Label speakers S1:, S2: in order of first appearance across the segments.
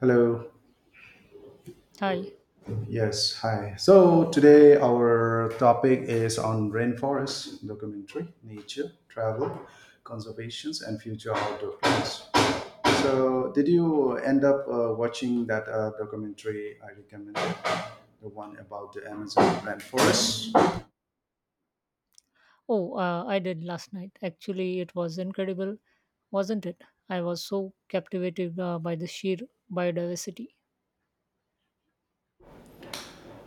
S1: Hello.
S2: Hi.
S1: Yes. Hi. So today our topic is on rainforest documentary, nature, travel, conservations, and future outdoor plans. So did you end up watching that documentary I recommended, the one about the Amazon rainforest?
S2: Oh, I did last night. Actually, it was incredible, wasn't it? I was so captivated by the sheer biodiversity.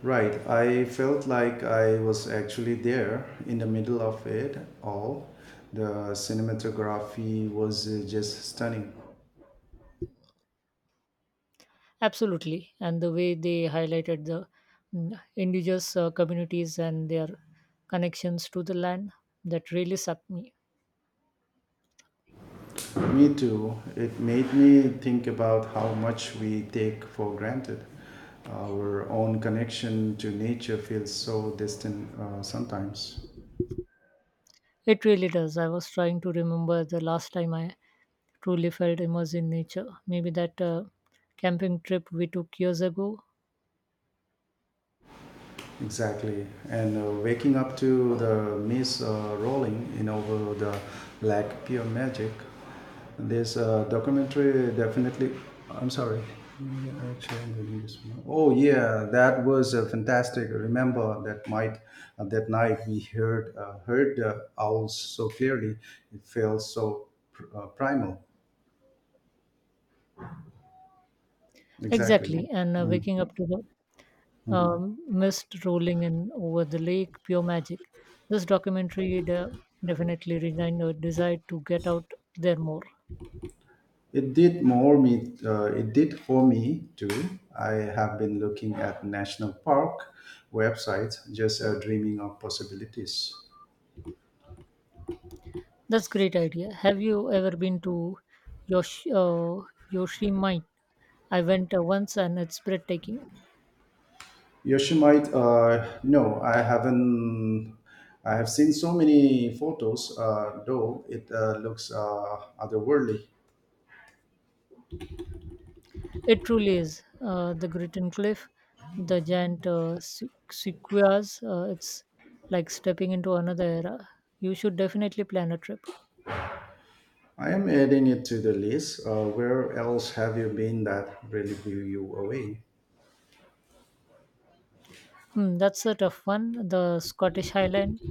S1: Right. I felt like I was actually there in the middle of it all. The cinematography was just stunning.
S2: Absolutely. And the way they highlighted the indigenous communities and their connections to the land, that really sucked me.
S1: Me too. It made me think about how much we take for granted. Our own connection to nature feels so distant sometimes.
S2: It really does. I was trying to remember the last time I truly felt immersed in nature. Maybe that camping trip we took years ago.
S1: Exactly, and waking up to the mist rolling in over the lake, pure magic. This documentary definitely. I'm sorry. Yeah, actually, I'm reading this one. Oh yeah, that was fantastic. Remember that night? That night we heard the owls so clearly. It felt so primal. Exactly.
S2: Exactly. And waking up to the mist rolling in over the lake, pure magic. This definitely resigned a desire to get out there more.
S1: It did more me. It did for me too. I have been looking at national park websites, just dreaming of possibilities.
S2: That's great idea. Have you ever been to Yosh- uh, Yoshimite? I went once and it's breathtaking.
S1: Yoshimite, no, I haven't. I have seen so many photos, though it looks otherworldly.
S2: It truly is. The Gritten Cliff, the giant sequoias, it's like stepping into another era. You should definitely plan a trip.
S1: I am adding it to the list. Where else have you been that really blew you away?
S2: Hmm, that's a tough one. The Scottish Highland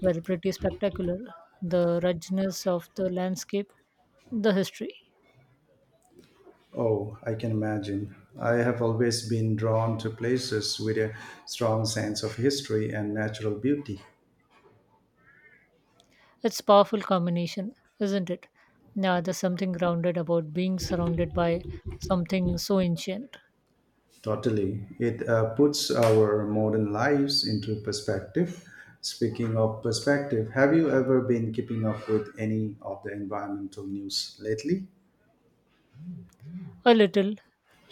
S2: were pretty spectacular. The ruggedness of the landscape, the history.
S1: Oh, I can imagine. I have always been drawn to places with a strong sense of history and natural beauty.
S2: It's a powerful combination, isn't it? Now, there's something grounded about being surrounded by something so ancient.
S1: Totally. It puts our modern lives into perspective. Speaking of perspective, have you ever been keeping up with any of the environmental news lately?
S2: A little.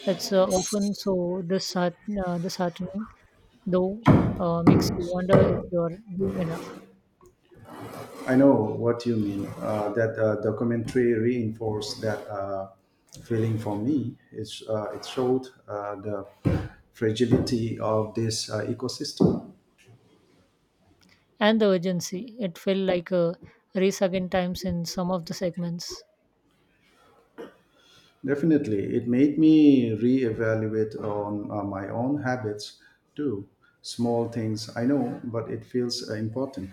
S2: It's often so disheartening, though, makes you wonder if you're doing enough.
S1: I know what you mean. That documentary reinforced that feeling for me. It showed the fragility of this ecosystem.
S2: And the urgency. It felt like a race against times in some of the segments.
S1: Definitely, it made me reevaluate on my own habits too. Small things, I know, but it feels important.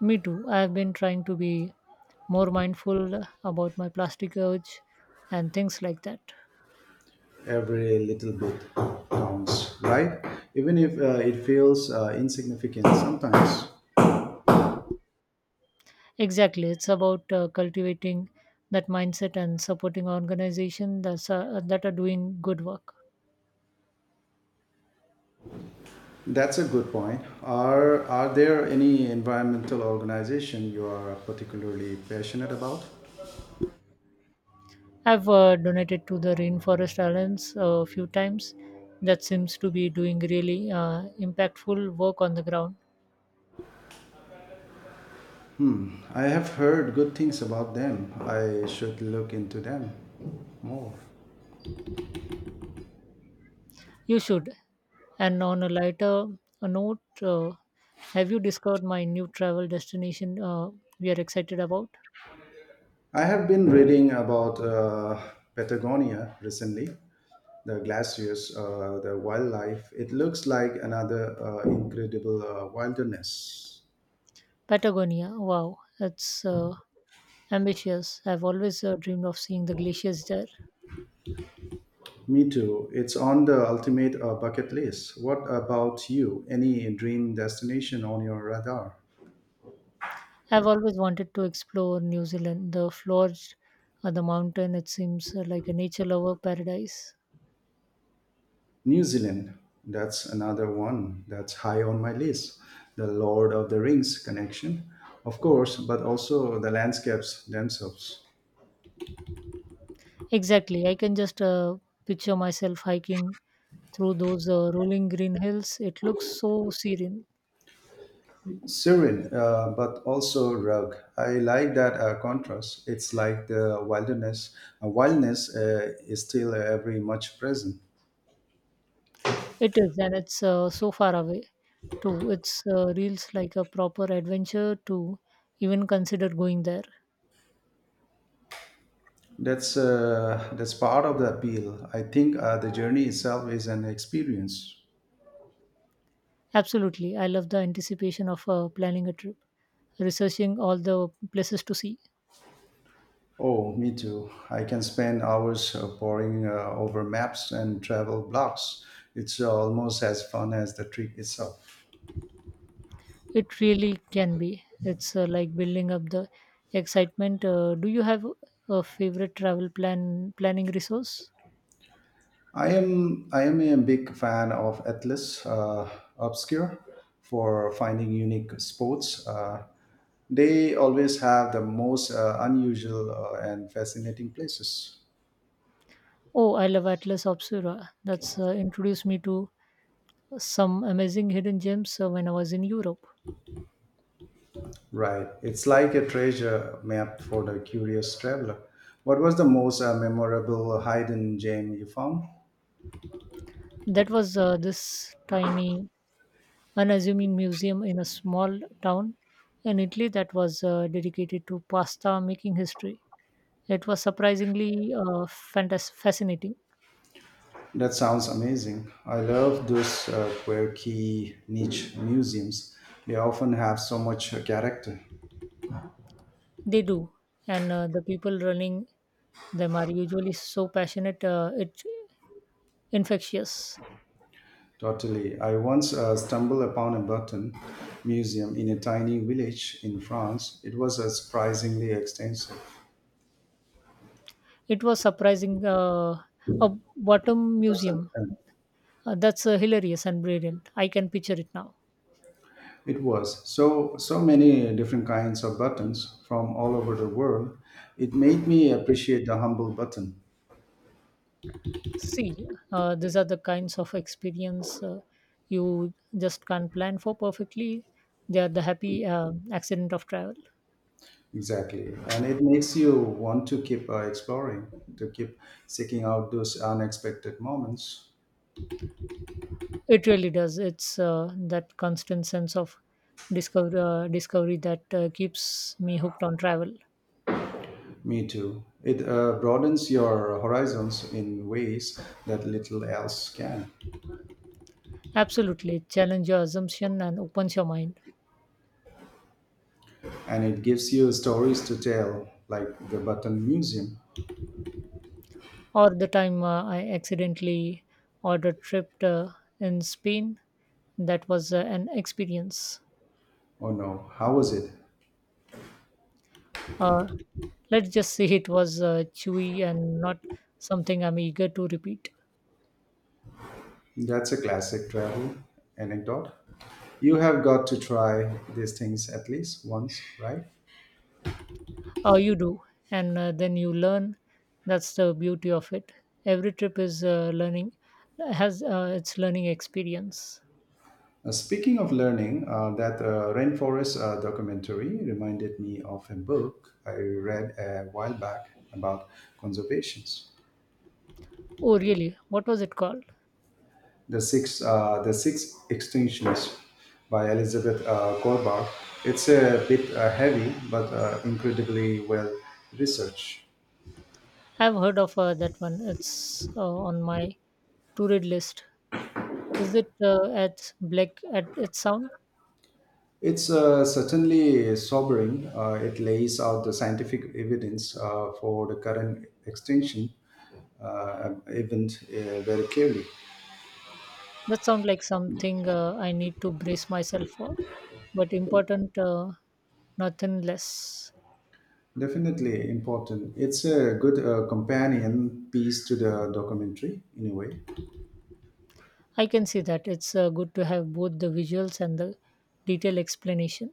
S2: Me too. I've been trying to be more mindful about my plastic urge and things like that.
S1: Every little bit counts, right? Even if it feels insignificant sometimes.
S2: Exactly. It's about cultivating that mindset and supporting organizations that are doing good work.
S1: That's a good point. Are there any environmental organization you are particularly passionate about?
S2: I've donated to the Rainforest Alliance a few times. That seems to be doing really impactful work on the ground.
S1: I have heard good things about them. I should look into them more.
S2: You should. And on a lighter note, have you discovered my new travel destination we are excited about?
S1: I have been reading about Patagonia recently, the glaciers, the wildlife. It looks like another incredible wilderness.
S2: Patagonia. Wow, that's ambitious. I've always dreamed of seeing the glaciers there.
S1: Me too. It's on the ultimate bucket list. What about you? Any dream destination on your radar?
S2: I've always wanted to explore New Zealand, the fjords, the mountain. It seems like a nature lover paradise.
S1: New Zealand. That's another one that's high on my list. The Lord of the Rings connection, of course, but also the landscapes themselves.
S2: Exactly. I can just picture myself hiking through those rolling green hills. It looks so serene.
S1: Serene, but also rugged. I like that contrast. It's like the wilderness. Wildness is still very much present.
S2: It is, and it's so far away too. It's reels like a proper adventure to even consider going there.
S1: That's part of the appeal. I think the journey itself is an experience.
S2: Absolutely. I love the anticipation of planning a trip, researching all the places to see.
S1: Oh, me too. I can spend hours poring over maps and travel blogs. It's almost as fun as the trip itself.
S2: It really can be. It's like building up the excitement. Do you have a favorite travel planning resource?
S1: I am a big fan of Atlas Obscure for finding unique sports. They always have the most unusual and fascinating places.
S2: Oh, I love Atlas Obscura. That's introduced me to some amazing hidden gems when I was in Europe.
S1: Right, it's like a treasure map for the curious traveler. What was the most memorable hidden gem you found?
S2: That was this tiny, unassuming museum in a small town in Italy that was dedicated to pasta making history. It was surprisingly fascinating.
S1: That sounds amazing. I love those quirky niche museums. They often have so much character.
S2: They do, and the people running them are usually so passionate. It infectious.
S1: Totally. I once stumbled upon a button museum in a tiny village in France. It was a surprisingly extensive
S2: It was surprising. A bottom
S1: button.
S2: museum.
S1: Pen.
S2: That's hilarious and brilliant. I can picture it now.
S1: It was so many different kinds of buttons from all over the world. It made me appreciate the humble button.
S2: See, these are the kinds of experience you just can't plan for perfectly. They are the happy accident of travel.
S1: Exactly, and it makes you want to keep exploring, to keep seeking out those unexpected moments.
S2: It really does. It's that constant sense of discover, discovery that keeps me hooked on travel.
S1: Me too. It broadens your horizons in ways that little else can.
S2: Absolutely. It Challenge your assumption and opens your mind.
S1: And it gives you stories to tell, like the Button Museum.
S2: Or the time I accidentally ordered trip in Spain, that was an experience.
S1: Oh no, how was it?
S2: Uh, let's just say it was chewy and not something I'm eager to repeat.
S1: That's a classic travel anecdote. You have got to try these things at least once, right?
S2: Oh, you do, and then you learn. That's the beauty of it. Every trip is learning, has its learning experience.
S1: Speaking of learning, that rainforest documentary reminded me of a book I read a while back about conservations.
S2: Oh, really? What was it called?
S1: The six extinctions by Elizabeth Goldbach. It's a bit heavy, but incredibly well researched.
S2: I've heard of that one. It's on my to read list. Is it at Black at its sound?
S1: It's certainly sobering. It lays out the scientific evidence for the current extinction event very clearly.
S2: That sounds like something I need to brace myself for, but important, nothing less.
S1: Definitely important. It's a good companion piece to the documentary in a way.
S2: I can see that it's good to have both the visuals and the detailed explanation.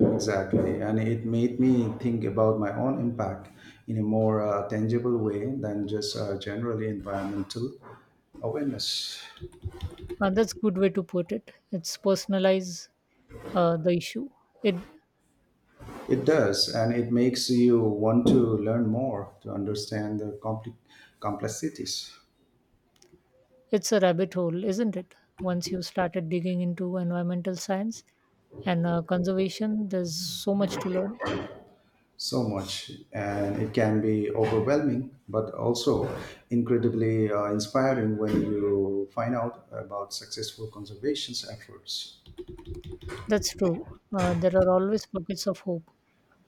S1: Exactly. And it made me think about my own impact in a more tangible way than just generally environmental awareness.
S2: That's good way to put it. It's personalize the issue. It
S1: It does, and it makes you want to learn more to understand the compli complexities.
S2: it's a rabbit hole, isn't it? Once you started digging into environmental science and conservation, there's so much to learn.
S1: So much. And it can be overwhelming, but also incredibly inspiring when you find out about successful conservation efforts.
S2: That's true. There are always pockets of hope,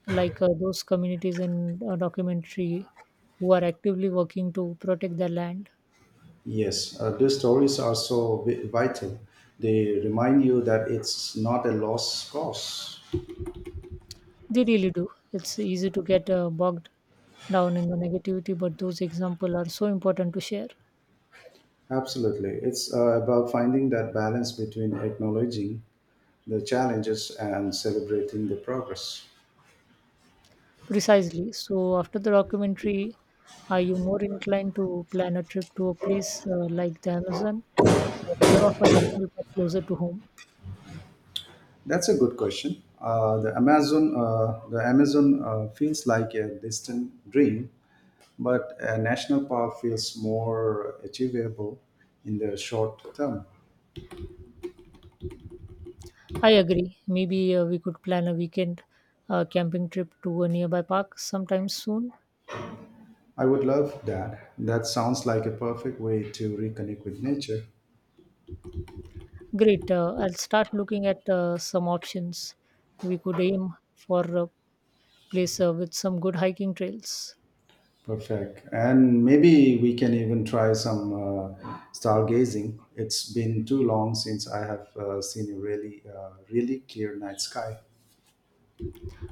S2: like those communities in a documentary who are actively working to protect their land.
S1: Yes, these stories are so vital. They remind you that it's not a lost cause.
S2: They really do. It's easy to get bogged down in the negativity, but those examples are so important to share.
S1: Absolutely. It's about finding that balance between acknowledging the challenges and celebrating the progress.
S2: Precisely. So, after the documentary, are you more inclined to plan a trip to a place like the Amazon or more of a national park closer to home?
S1: That's a good question. The Amazon feels like a distant dream, but a national park feels more achievable in the short term.
S2: I agree. Maybe we could plan a weekend camping trip to a nearby park sometime soon.
S1: I would love that. That sounds like a perfect way to reconnect with nature.
S2: Great. I'll start looking at some options. We could aim for a place with some good hiking trails.
S1: Perfect. And maybe we can even try some stargazing. It's been too long since I have seen a really clear night sky.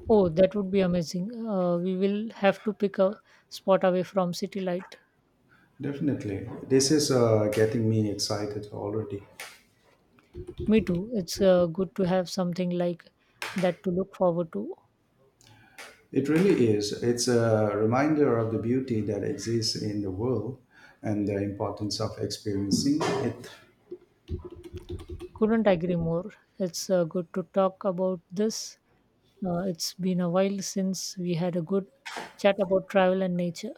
S2: Oh, that would be amazing. We will have to pick a spot away from city light.
S1: Definitely. This is getting me excited already.
S2: Me too. It's good to have something like that to look forward to.
S1: It really is. It's a reminder of the beauty that exists in the world and the importance of experiencing it.
S2: Couldn't agree more. It's good to talk about this. It's been a while since we had a good chat about travel and nature.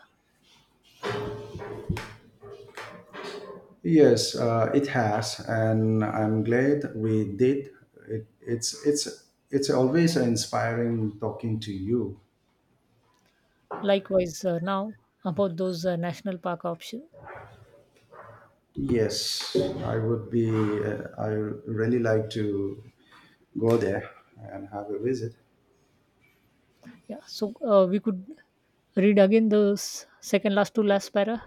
S1: Yes, it has, and I'm glad we did. It, it's always inspiring talking to you.
S2: Likewise, now about those national park option.
S1: Yes, I would be. I really like to go there and have a visit.
S2: Yeah, so we could read again those second last to last para,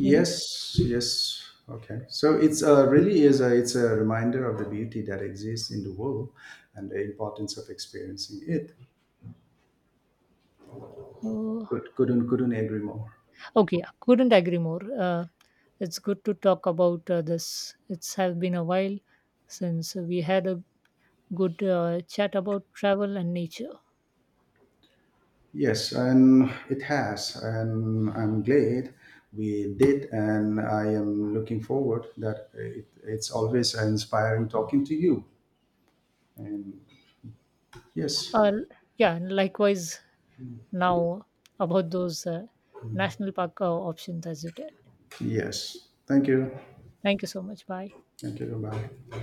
S2: maybe.
S1: yes. Okay. So it's a reminder of the beauty that exists in the world and the importance of experiencing it.
S2: Uh,
S1: Couldn't agree more.
S2: okay, yeah, couldn't agree more. It's good to talk about this. It's have been a while since we had a good chat about travel and nature.
S1: Yes, and it has, and I'm glad we did, and I am looking forward that it's always inspiring talking to you. And yes,
S2: Uh, yeah, likewise now about those national park options as you did.
S1: yes,
S2: Okay. Thank you so much. Bye.
S1: thank you, bye.